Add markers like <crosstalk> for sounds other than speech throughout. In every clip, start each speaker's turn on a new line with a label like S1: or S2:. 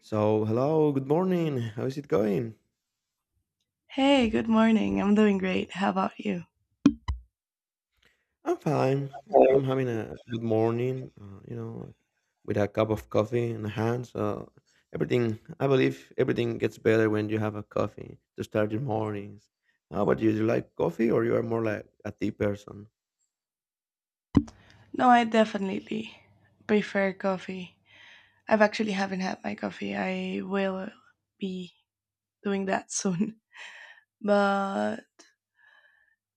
S1: So, hello, good morning. How is it going?
S2: Hey, good morning. I'm doing great. How about you?
S1: I'm fine. I'm having a good morning, like, with a cup of coffee in hand. So, everything, I believe, everything gets better when you have a coffee to start your mornings. How about you? Do you like coffee or you are more like a tea person?
S2: No, I definitely prefer coffee. I've actually haven't had my coffee. I will be doing that soon. <laughs> But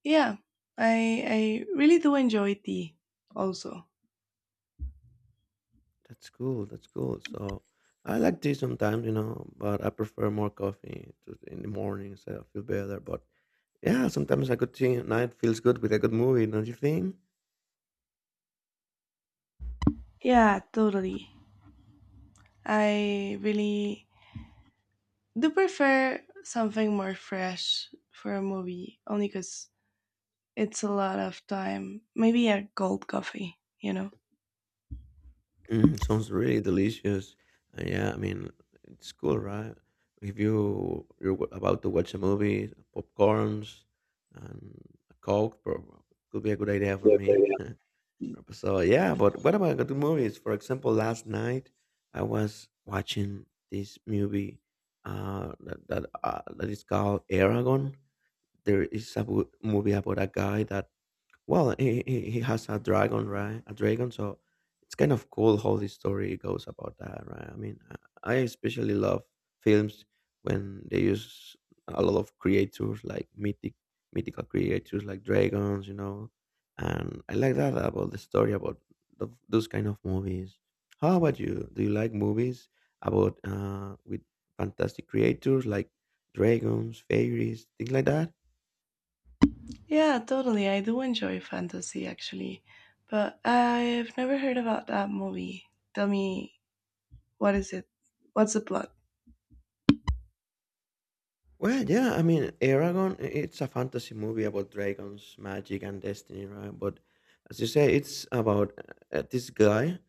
S2: yeah, I really do enjoy tea also.
S1: That's cool. That's cool. So, I like tea sometimes, but I prefer more coffee to, in the mornings. I feel better. But yeah, sometimes a good tea at night feels good with a good movie, don't you think?
S2: Yeah, totally. I really do prefer something more fresh for a movie only cuz it's a lot of time. Maybe a cold coffee,
S1: Sounds really delicious. Yeah, I mean, it's cool, right? If you're about to watch a movie, popcorns and a Coke could be a good idea for me. <laughs> So yeah, but what about good movies? For example, last night I was watching this movie that is called Aragon. There is a movie about a guy that well, he has a dragon, right? A dragon, so it's kind of cool how the story goes about that, right? I mean, I especially love films when they use a lot of creatures like mythical creatures like dragons, and I like that about the story about those kind of movies. How about you? Do you like movies about with fantastic creatures like dragons, fairies, things like that?
S2: Yeah, totally. I do enjoy fantasy actually, but I've never heard about that movie. Tell me, what is it? What's the plot?
S1: Well, yeah, I mean, Aragon, it's a fantasy movie about dragons, magic, and destiny, right? But as you say, it's about this guy.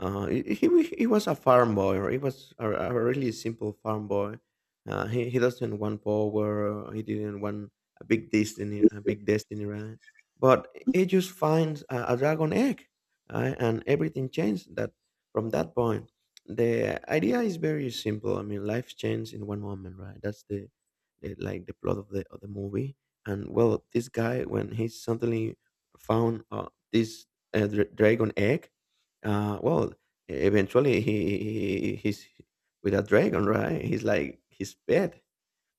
S1: Uh, he, he he was a farm boy, or he was a really simple farm boy. He doesn't want power, he didn't want a big destiny, right? But he just finds a dragon egg, right? And everything changed that from that point. The idea is very simple. I mean, life changed in one moment, right? That's the, like the plot of the movie. And well, this guy when he suddenly found this dragon egg, well, eventually he's with a dragon, right? He's like his pet.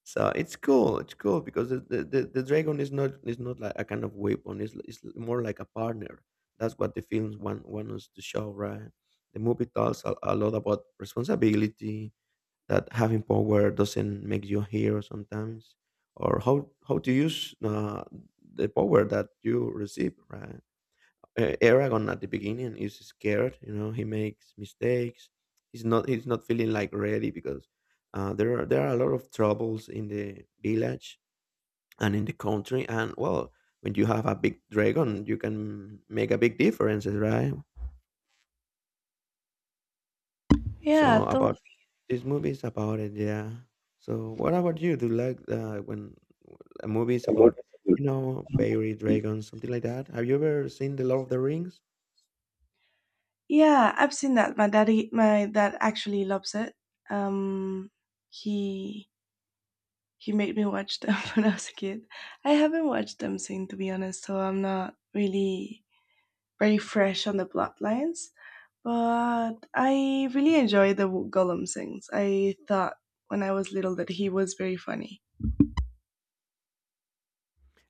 S1: So it's cool. It's cool because the dragon is not like a kind of weapon. It's more like a partner. That's what the films want us to show, right? The movie talks a lot about responsibility, that having power doesn't make you a hero sometimes, or how to use the power that you receive. Right, Aragon at the beginning is scared. You know, he makes mistakes. He's not feeling like ready because there are a lot of troubles in the village and in the country. And well, when you have a big dragon, you can make a big difference, right?
S2: Yeah,
S1: So
S2: totally.
S1: about this movie is about it, yeah. So what about you? Do you like when a movie is about fairy dragons, something like that? Have you ever seen The Lord of the Rings?
S2: Yeah, I've seen that. My dad actually loves it. Um, he he made me watch them <laughs> when I was a kid. I haven't watched them since, to be honest, so I'm not really very fresh on the plot lines. But I really enjoy the Gollum sings. I thought when I was little that he was very funny.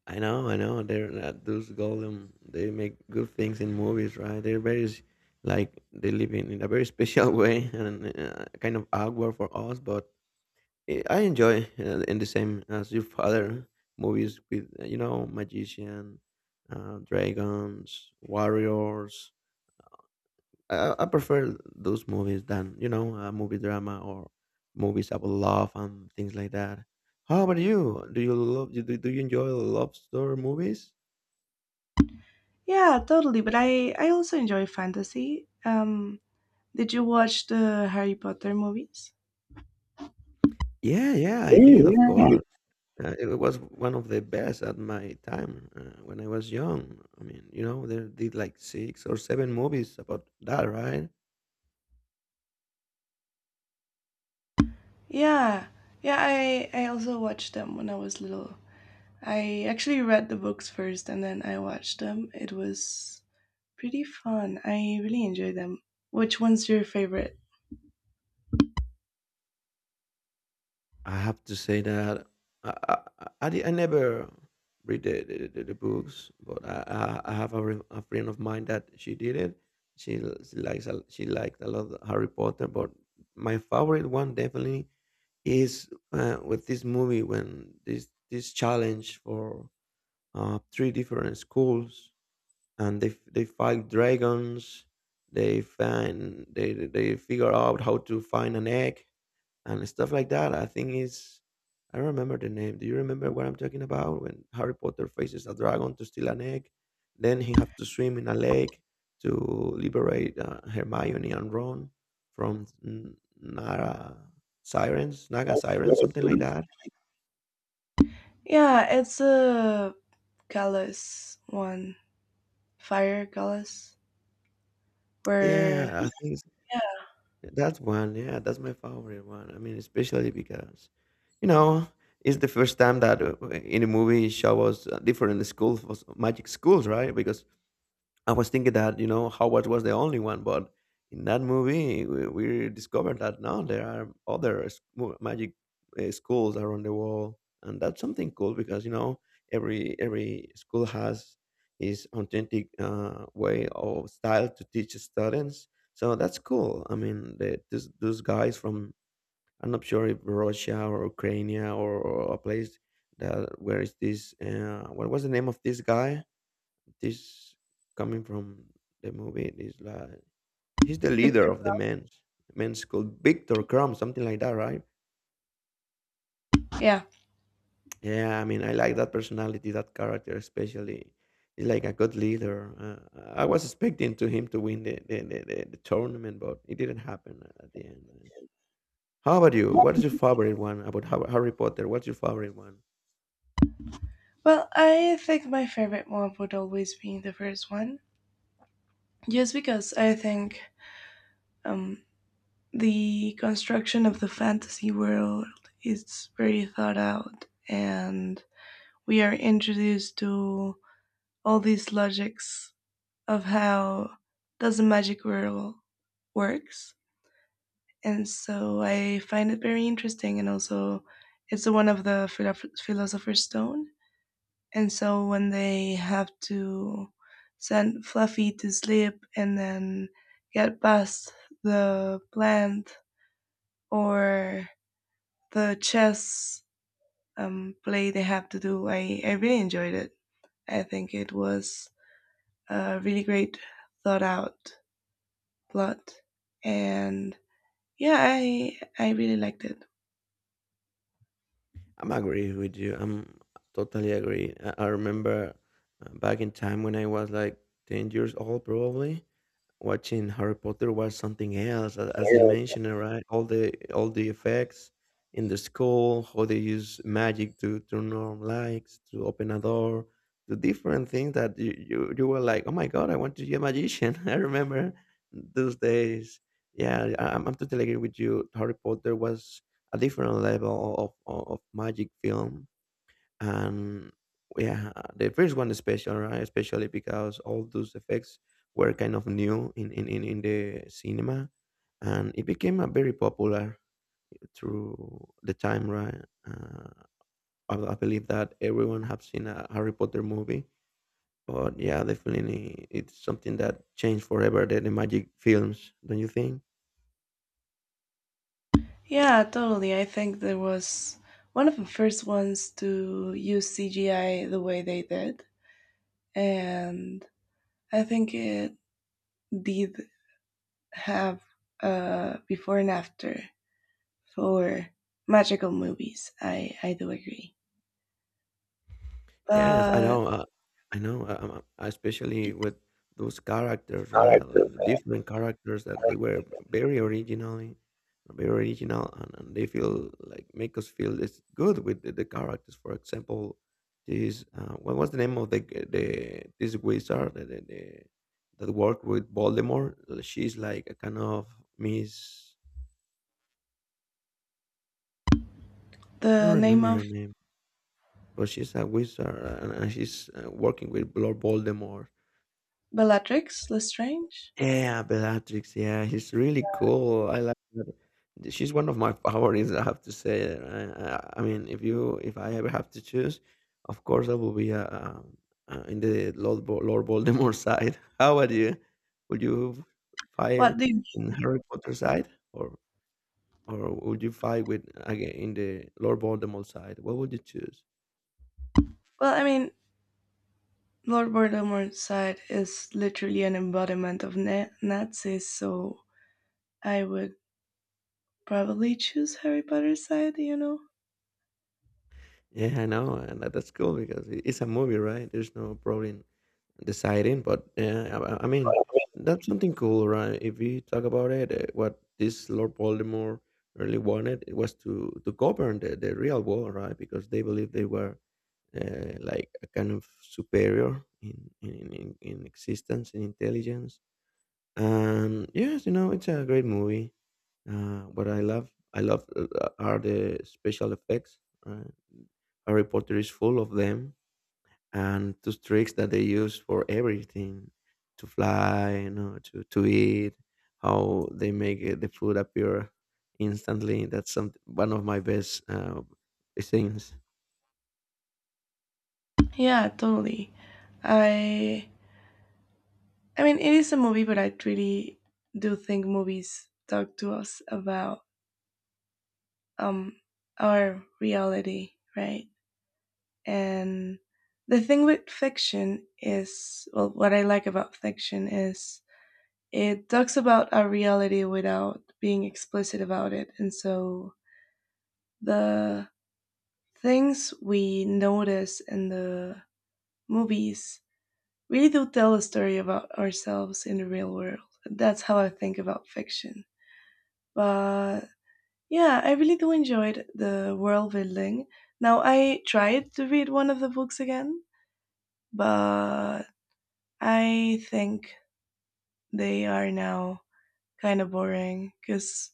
S1: I know, I know. They're those golem. They make good things in movies, right? They're very like they live in a very special <laughs> way and kind of awkward for us, but I enjoy in the same as your father movies with magician, dragons, warriors. I prefer those movies than a movie drama or movies about love and things like that. How about you? Do you love? Do you enjoy love story movies?
S2: Yeah, totally. But I also enjoy fantasy. Did you watch the Harry Potter movies?
S1: Yeah, yeah, I did, of
S2: Yeah.
S1: course. It was one of the best at my time when I was young. I mean, they did like six or seven movies about that, right?
S2: Yeah, yeah. I also watched them when I was little. I actually read the books first and then I watched them. It was pretty fun. I really enjoyed them. Which one's your favorite?
S1: I have to say that I never read the books, but I have a friend of mine that she did it. She she liked a lot of Harry Potter, but my favorite one definitely is with this movie when this challenge for three different schools and they fight dragons. They find they figure out how to find an egg and stuff like that. I think is I don't remember the name. Do you remember what I'm talking about? When Harry Potter faces a dragon to steal an egg, then he have to swim in a lake to liberate Hermione and Ron from Naga sirens, something like
S2: Yeah.
S1: that.
S2: Yeah, it's a Callus one. Fire Goddess, where.
S1: Yeah, I think
S2: Yeah.
S1: that's one. Yeah, that's my favorite one. I mean, especially because, you know, it's the first time that in a movie show us different schools, was magic schools, right? Because I was thinking that Howard was the only one, but in that movie we discovered that no, there are other magic schools around the world, and that's something cool because every school has his authentic way or style to teach students. So that's cool. I mean, those guys from I'm not sure if Russia or Ukraine or a place that where is this? What was the name of this guy? This coming from the movie is like he's the
S2: Victor.
S1: leader of the men's called Victor Crumb, something like that, right?
S2: Yeah.
S1: Yeah, I mean, I like that personality, that character especially. He's like a good leader. I was expecting to him to win the tournament, but it didn't happen at the end. How about you? What is your favorite one about Harry Potter? What's your favorite one?
S2: Well, I think my favorite one would always be the first one, just because I think um, the construction of the fantasy world is very thought out, and we are introduced to all these logics of how does the magic world works, and so I find it very interesting, and also it's the one of the philosopher's stone. And so when they have to send Fluffy to sleep and then get past the plant or the chess play they have to do, I really enjoyed it. I think it was a really great thought out plot. And yeah, I really liked it.
S1: I'm agree with you. I'm totally agree. I remember back in time when I was like 10 years old, probably. Watching Harry Potter was something else, as you mentioned, right? All the effects in the school, how they use magic to turn on lights, to open a door, to different things that you were like, oh my God, I want to be a magician. <laughs> I remember those days. Yeah, I'm totally agree with you. Harry Potter was a different level of magic film, and yeah, the first one is special, right? Especially because all those effects were kind of new in the cinema, and it became a very popular through the time, right. Uh, I, I believe that everyone have seen a Harry Potter movie, but yeah, definitely it's something that changed forever the magic films, don't you think?
S2: Yeah, totally. I think there was one of the first ones to use CGI the way they did. And I think it did have a before and after for magical movies. I do agree.
S1: Yes, I
S2: But
S1: know, uh, I know, um, um, especially with those characters,
S2: I
S1: right?
S2: like
S1: The different characters that they were very originally, very original, and they feel like make us feel this good with the characters. For example, this what was the name of the g- the this wizard that worked with Voldemort? She's like a kind of Miss. I don't
S2: the name
S1: remember
S2: of
S1: her name, but she's a wizard, and, she's working with Lord Voldemort.
S2: Bellatrix Lestrange?
S1: Yeah, Bellatrix. Yeah, she's really cool. I like her. She's one of my favorites. I have to say. I mean, if I ever have to choose, of course I will be in the Lord Voldemort <laughs> side. How about you? Would you
S2: What
S1: fight
S2: do.
S1: in Harry Potter side, or would you fight with again in the Lord Voldemort side? What would you choose?
S2: Well, I mean, Lord Voldemort's side is literally an embodiment of Nazis, so I would probably choose Harry Potter's side, you know?
S1: Yeah, I know, and that's cool because it's a movie, right? There's no problem deciding, but yeah, I mean that's something cool, right? If you talk about it, what this Lord Voldemort really wanted it was to govern the real world, right? Because they believed they were like a kind of superior in existence and intelligence. And yes, it's a great movie. What I love are the special effects. Uh, Harry Potter is full of them, and those tricks that they use for everything, to fly, to eat, how they make the food appear instantly. That's some one of my best things.
S2: Yeah, totally. I I mean, it is a movie, but I really do think movies talk to us about um, our reality, right? And the thing with fiction is, well, what I like about fiction is it talks about our reality without being explicit about it. And so the things we notice in the movies really do tell a story about ourselves in the real world. That's how I think about fiction. But yeah, I really do enjoyed the world building. Now I tried to read one of the books again, but I think they are now kind of boring because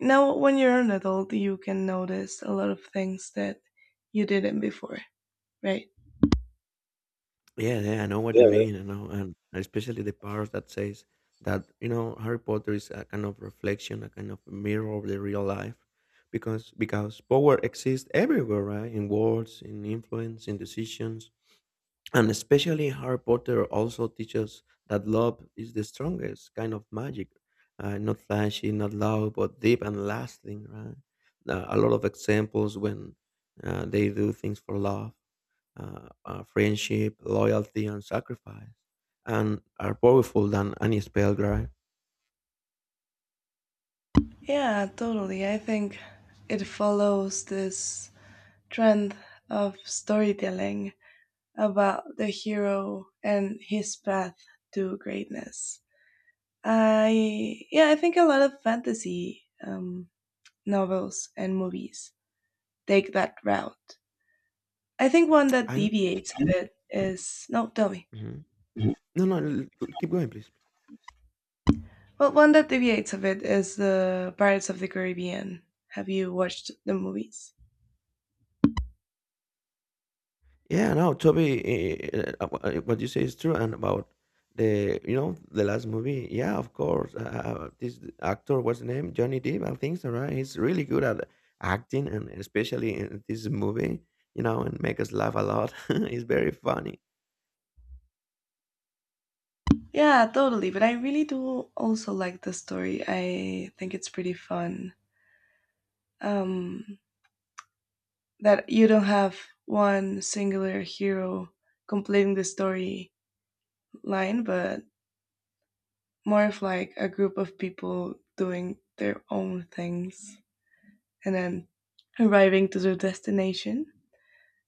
S2: now when you're an adult, you can notice a lot of things that you didn't before, right?
S1: Yeah, yeah, I know what you mean. I know, and especially the part that says that Harry Potter is a kind of reflection, a kind of mirror of the real life, because power exists everywhere, right? In words, in influence, in decisions, and especially Harry Potter also teaches that love is the strongest kind of magic, not flashy, not loud, but deep and lasting, right? A lot of examples when they do things for love, friendship, loyalty, and sacrifice, and are powerful than any spell, right?
S2: Yeah, totally. I think it follows this trend of storytelling about the hero and his path to greatness. I yeah, I think a lot of fantasy novels and movies take that route. I think one that
S1: I
S2: deviates a bit is no, tell me.
S1: Mhm. No, no, keep going, please.
S2: Well, one that deviates a bit is the Pirates of the Caribbean. Have you watched the movies?
S1: Yeah, no, Toby, what you say is true, and about the the last movie. Yeah, of course, this actor, what's the name, Johnny Depp. I think so, right? He's really good at acting, and especially in this movie, and make us laugh a lot. <laughs> It's very funny.
S2: Yeah, totally. But I really do also like the story. I think it's pretty fun. Um, that you don't have one singular hero completing the story line, but more of like a group of people doing their own things and then arriving to their destination.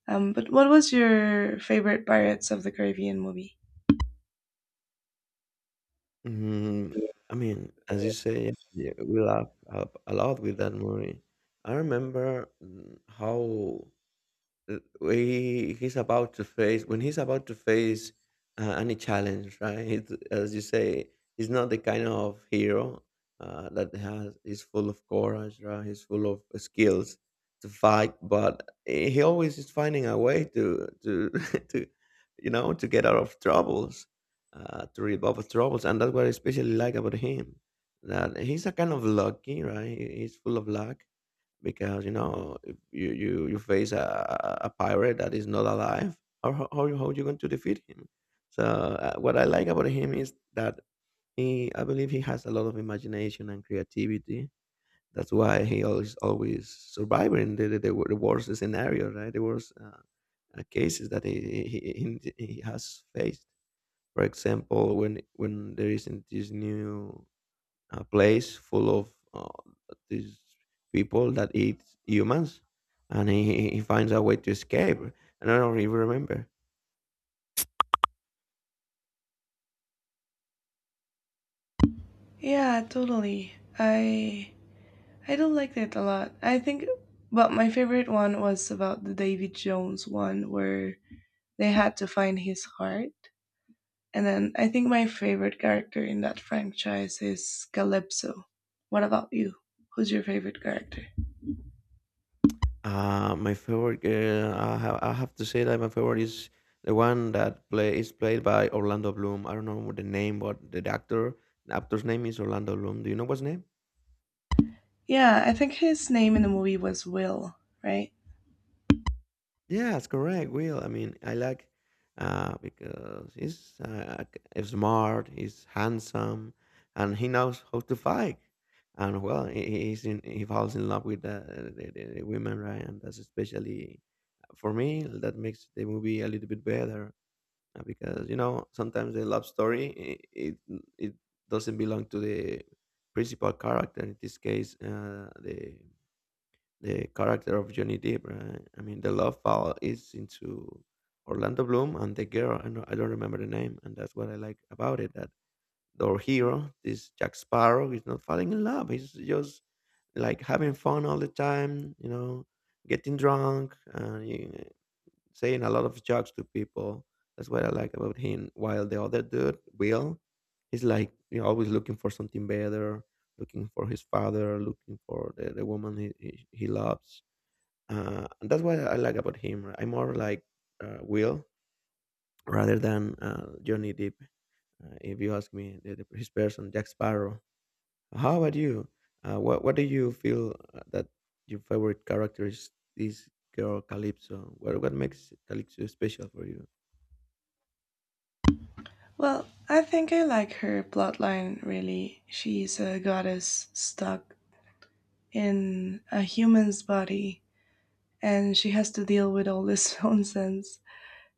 S2: But what was your favorite Pirates of the Caribbean movie?
S1: Mhm. I mean, as you say, yeah, we laugh a lot with that movie. I remember, how we he's about to face when he's about to face any challenge, right? As you say, he's not the kind of hero that has is full of courage, right? He's full of skills to fight, but he always is finding a way to <laughs> to to get out of troubles, to rebuff troubles, and that's what I especially like about him. That he's a kind of lucky, right? He's full of luck because if you face a pirate that is not alive, how are you going to defeat him? So what I like about him is that he I believe he has a lot of imagination and creativity. That's why he always surviving the worst scenario, right? The worst cases that he has faced. For example, when there isn't this new, a place full of these people that eat humans, and he finds a way to escape. And I don't even remember.
S2: Yeah, totally. I do like it a lot. I think, but my favorite one was about the Davy Jones one where they had to find his heart. And then I think my favorite character in that franchise is Calypso. What about you? Who's your favorite character?
S1: My favorite, I have to say that my favorite is the one that play is played by Orlando Bloom. I don't know the name, but the actor, the actor's name is Orlando Bloom. Do you know what's name?
S2: Yeah, I think his name in the movie was Will, right?
S1: Yes, correct. Will, I mean, I like because he's smart, he's handsome, and he knows how to fight. And well, he falls in love with the women, right? And that's especially for me that makes the movie a little bit better because sometimes the love story it doesn't belong to the principal character. In this case, the character of Johnny Depp, right? I mean, the love file is into Orlando Bloom and the girl. I don't remember the name, and that's what I like about it. That our hero, this Jack Sparrow, is not falling in love. He's just like having fun all the time, getting drunk and saying a lot of jokes to people. That's what I like about him. While the other dude, Will, he's like always looking for something better, looking for his father, looking for the woman he loves, and that's what I like about him. I'm more like Will rather than Johnny Depp. If you ask me, his person Jack Sparrow. How about you? What do you feel that your favorite character is this girl Calypso? What makes Calypso special for you?
S2: Well, I think I like her plotline really. She's a goddess stuck in a human's body and she has to deal with all this <laughs> nonsense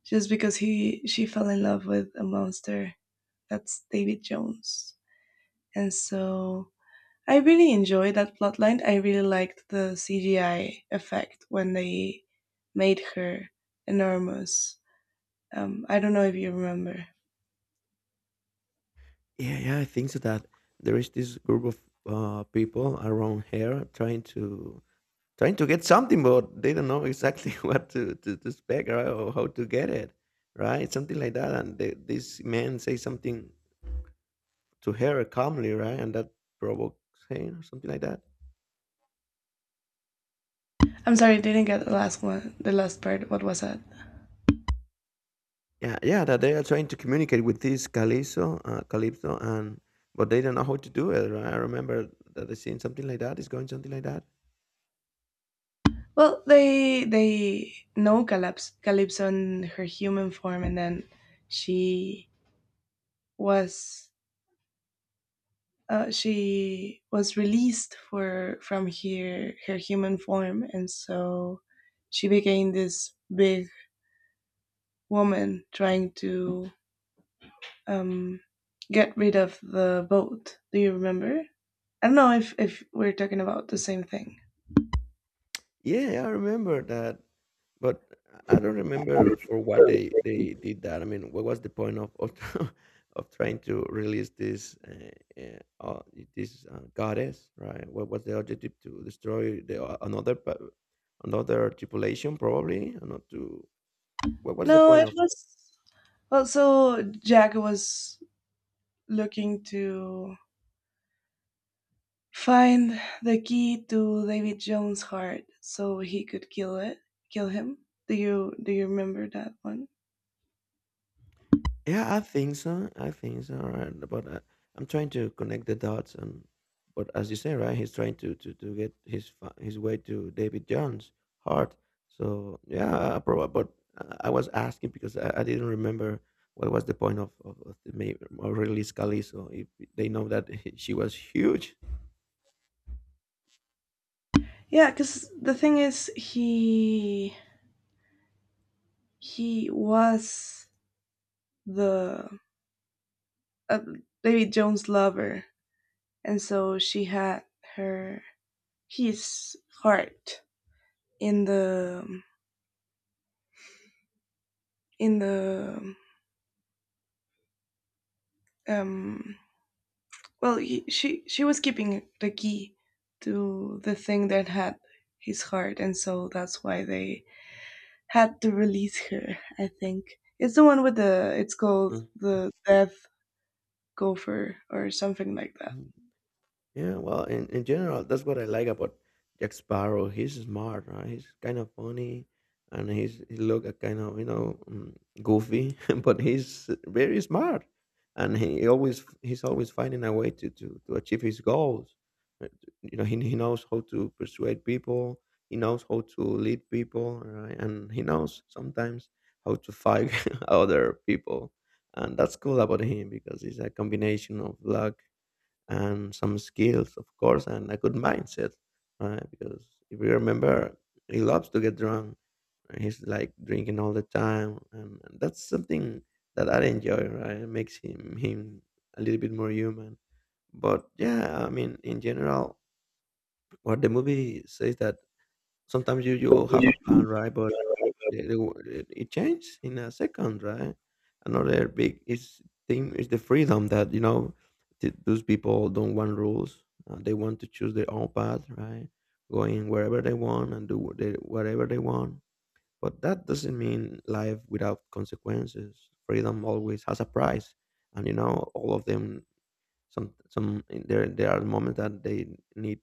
S2: just because he she fell in love with a monster. That's David Jones. And so I really enjoyed that plotline. I really liked the CGI effect when they made her enormous. I don't know if you remember.
S1: Yeah, yeah, I think so, that there is this group of people around here trying to, trying to get something, but they don't know exactly <laughs> what to spec, right, or how to get it, right? Something like that. And the, this man says something to her calmly, right? And that provokes him or something like that.
S2: I'm sorry, didn't get the last one. The last part. What was that?
S1: Yeah, yeah, that they are trying to communicate with this Calypso, Calypso, and but they don't know how to do it, right? I remember that I seen something like that. It's going something like that.
S2: Well, they know Calypso, Calypso in her human form, and then she was she was released for from here her human form, and so she became this big woman trying to um, get rid of the boat. Do you remember? I don't know if we're talking about the same thing.
S1: Yeah, yeah, I remember that, but I don't remember for what they did that. I mean, what was the point of <laughs> of trying to release this uh, uh, this goddess, right? What was the objective? To destroy the another another tripulation, probably, and not to. What was the
S2: No,
S1: point
S2: it
S1: of?
S2: was. Also, Jack was looking to find the key to David Jones' heart so he could kill it, kill him. Do you remember that one?
S1: Yeah, I think so. I think so. Right? But I, I'm trying to connect the dots, and but as you say, right, he's trying to get his his way to David John's heart. So yeah, probably. But I was asking because I didn't remember what was the point of the of release Calizo if they know that <laughs> she was huge.
S2: Yeah, because the thing is, he was the uh, David Jones' lover, and so she had her his heart in the in the um Well, she was keeping the key to the thing that had his heart, and so that's why they had to release her. I think it's the one with the it's called the death gopher or something like that.
S1: Mhm. Yeah, well, in general, that's what I like about Jack Sparrow. He's smart, right? He's kind of funny, and he look a kind of goofy, <laughs> but he's very smart, and he's always finding a way to achieve his goals. Uh, You know, he knows how to persuade people. He knows how to lead people, right? And he knows sometimes how to fight <laughs> other people, and that's cool about him because he's a combination of luck and some skills, of course, and a good mindset, right? Because if you remember, he loves to get drunk. And he's like drinking all the time, and that's something that I enjoy, right? It makes him a little bit more human. But yeah, I mean, in general, what the movie says that sometimes you, you all have a plan, right? But the, it, it changes in a second, right? Another big is thing is the freedom that those people don't want rules. They want to choose their own path, right? Going wherever they want and do what they, whatever they want. But that doesn't mean life without consequences. Freedom always has a price, and all of them. Some, there are moments that they need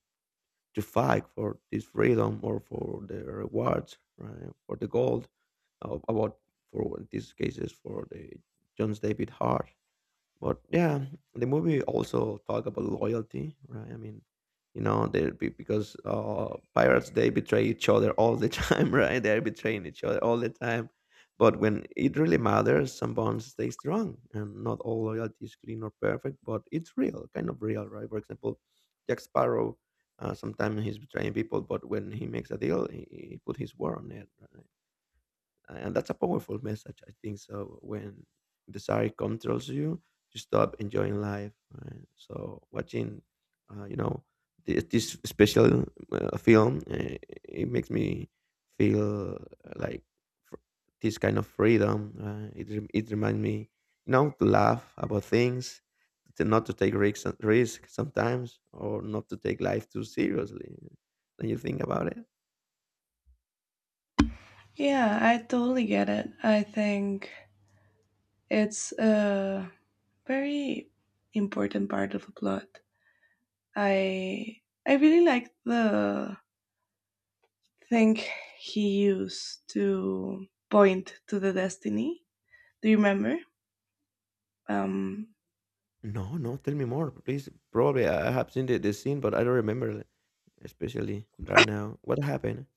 S1: to fight for this freedom or for the rewards, right? For the gold, about for, in these cases, for the John David Hart. But yeah, the movie also talk about loyalty, right? I mean, they be because pirates, they betray each other all the <laughs> time, right? They're betraying each other all the time. But when it really matters, some bonds stay strong, and not all loyalty is clean or perfect, but it's real, kind of real, right? For example, Jack Sparrow, sometimes he's betraying people, but when he makes a deal, he put his word on it. Right? And that's a powerful message, I think so. When desire controls you, you stop enjoying life, right? So watching uh, you know this, this special film, it makes me feel like fr- this kind of freedom, it reminds me to laugh about things, to not to take risk sometimes, or not to take life too seriously when you think about it.
S2: Yeah, I totally get it. I think it's a very important part of the plot. I I really like the thing he used to point to the destiny. Do you remember? Um,
S1: No, no, tell me more, please. Probably I have seen the scene, but I don't remember it, especially right now. What happened?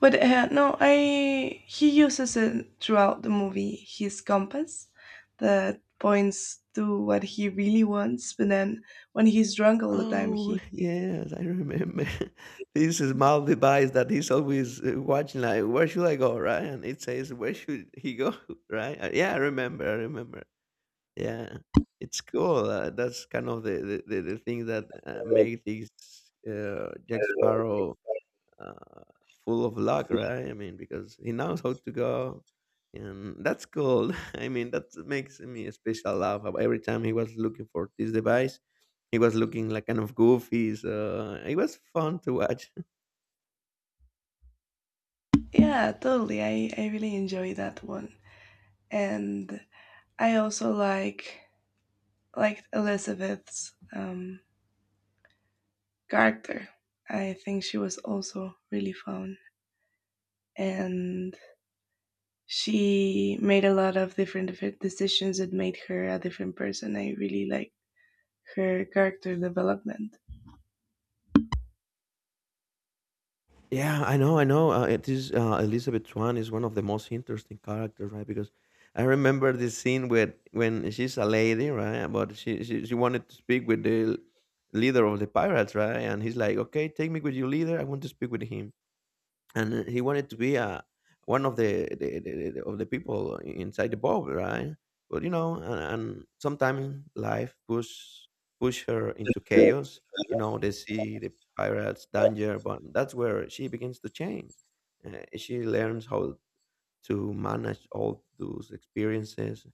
S2: but no, I he uses it throughout the movie. His compass that points to what he really wants, but then when he's drunk all the time,
S1: Oh,
S2: he.
S1: <laughs> yes, I remember. <laughs> This small device that he's always watching, like, where should I go, right? And it says, where should he go, <laughs> right? Yeah, I remember, I remember. Yeah, it's cool. That's kind of the thing that make this Jack Sparrow uh, full of luck, right? I mean, because he knows how to go, and that's cool. <laughs> I mean, that makes me a special laugh. Every time he was looking for this device, he was looking like kind of goofy. So it was fun to watch.
S2: Yeah, totally. I really enjoy that one. And I also liked Elizabeth's character. I think she was also really fun. And she made a lot of different decisions that made her a different person. I really like her character development.
S1: Yeah, I know, I know. It is Elizabeth Swan is one of the most interesting characters, right? Because I remember this scene with when she's a lady, right? But she wanted to speak with the leader of the pirates, right? And he's like, "Okay, take me with your leader. I want to speak with him." And he wanted to be one of the of the people inside the boat, right? But and sometimes life push her into chaos. You know, they see the pirates, danger, but that's where she begins to change. She learns how to manage all those experiences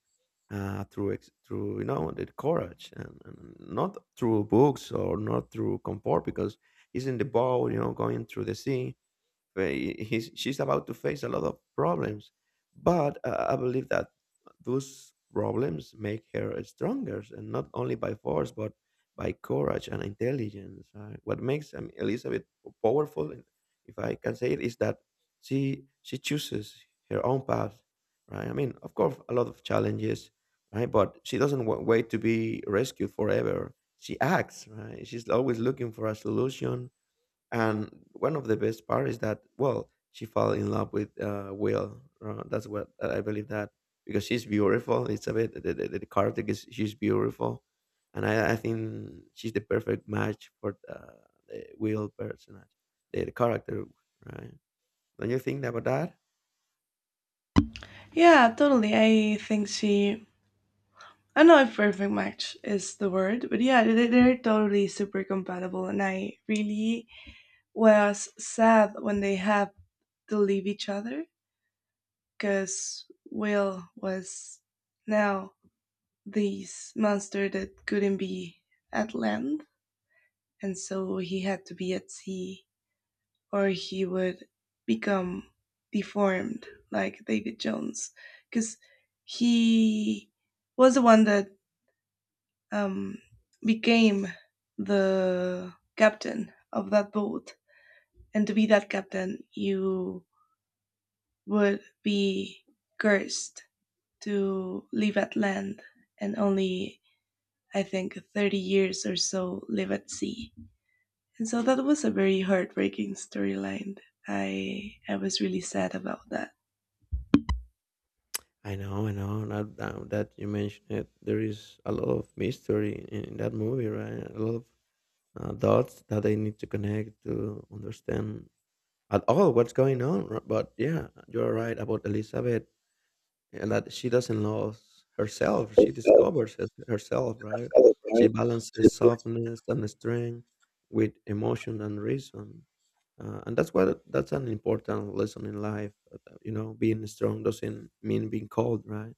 S1: through the courage and not through books or not through comfort because he's in the boat, going through the sea. fa- she's about to face a lot of problems, but I believe that those problems make her stronger, and not only by force but by courage and intelligence, right? What makes Elizabeth powerful, and if I can say it, is that she chooses her own path, right? I mean, of course a lot of challenges, right? But she doesn't wait to be rescued forever. She acts, right? She's always looking for a solution. And one of the best part is that, well, she fell in love with Will, that's what, I believe that because she's beautiful, it's a bit, the character is she's beautiful, and I think she's the perfect match for the Will personage, the character, right? Don't you think about that?
S2: Yeah, totally. I think she. I don't know if perfect match is the word, but yeah, they're totally super compatible. And I really was sad when they had to leave each other because Will was now this monster that couldn't be at land, and so he had to be at sea or he would become deformed like David Jones because he was the one that um, became the captain of that boat. And to be that captain, you would be cursed to live at land and only, I think, 30 years or so live at sea. And so that was a very heartbreaking storyline. I was really sad about that.
S1: I know, I know, now, that you mention it, there is a lot of mystery in that movie, right? A lot of dots that they need to connect to understand at all what's going on. But yeah, you're right about Elizabeth, and that she doesn't lose herself. She discovers herself, right? She balances softness and strength with emotion and reason. And that's what that's an important lesson in life. You know, being strong doesn't mean being cold, right?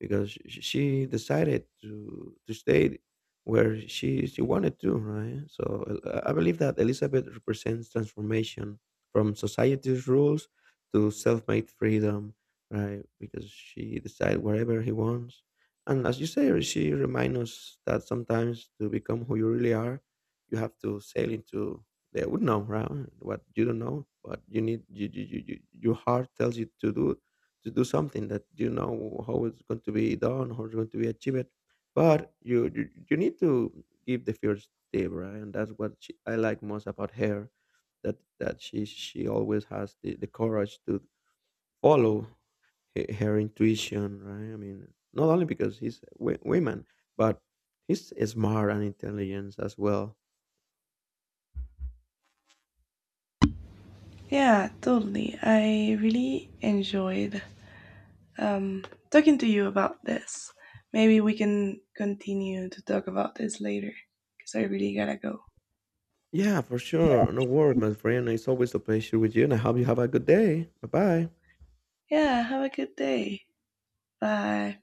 S1: Because she decided to stay where she wanted to, right? So I believe that Elizabeth represents transformation from society's rules to self-made freedom, right? Because she decides wherever he wants, and as you say, she reminds us that sometimes to become who you really are, you have to sail into the unknown, right? What you don't know, but you need, you- your heart tells you to do, to do something that you know how it's going to be done, how it's going to be achieved. But you need to give the first tip, right? And that's what I like most about her, that she always has the courage to follow her intuition, right? I mean, not only because he's w- women, but he's smart and intelligent as well.
S2: Yeah, totally. I really enjoyed um, talking to you about this. Maybe we can continue to talk about this later because I really gotta go.
S1: Yeah, for sure. No word, my friend. It's always a pleasure with you, and I hope you have a good day. Bye bye.
S2: Yeah, have a good day. Bye.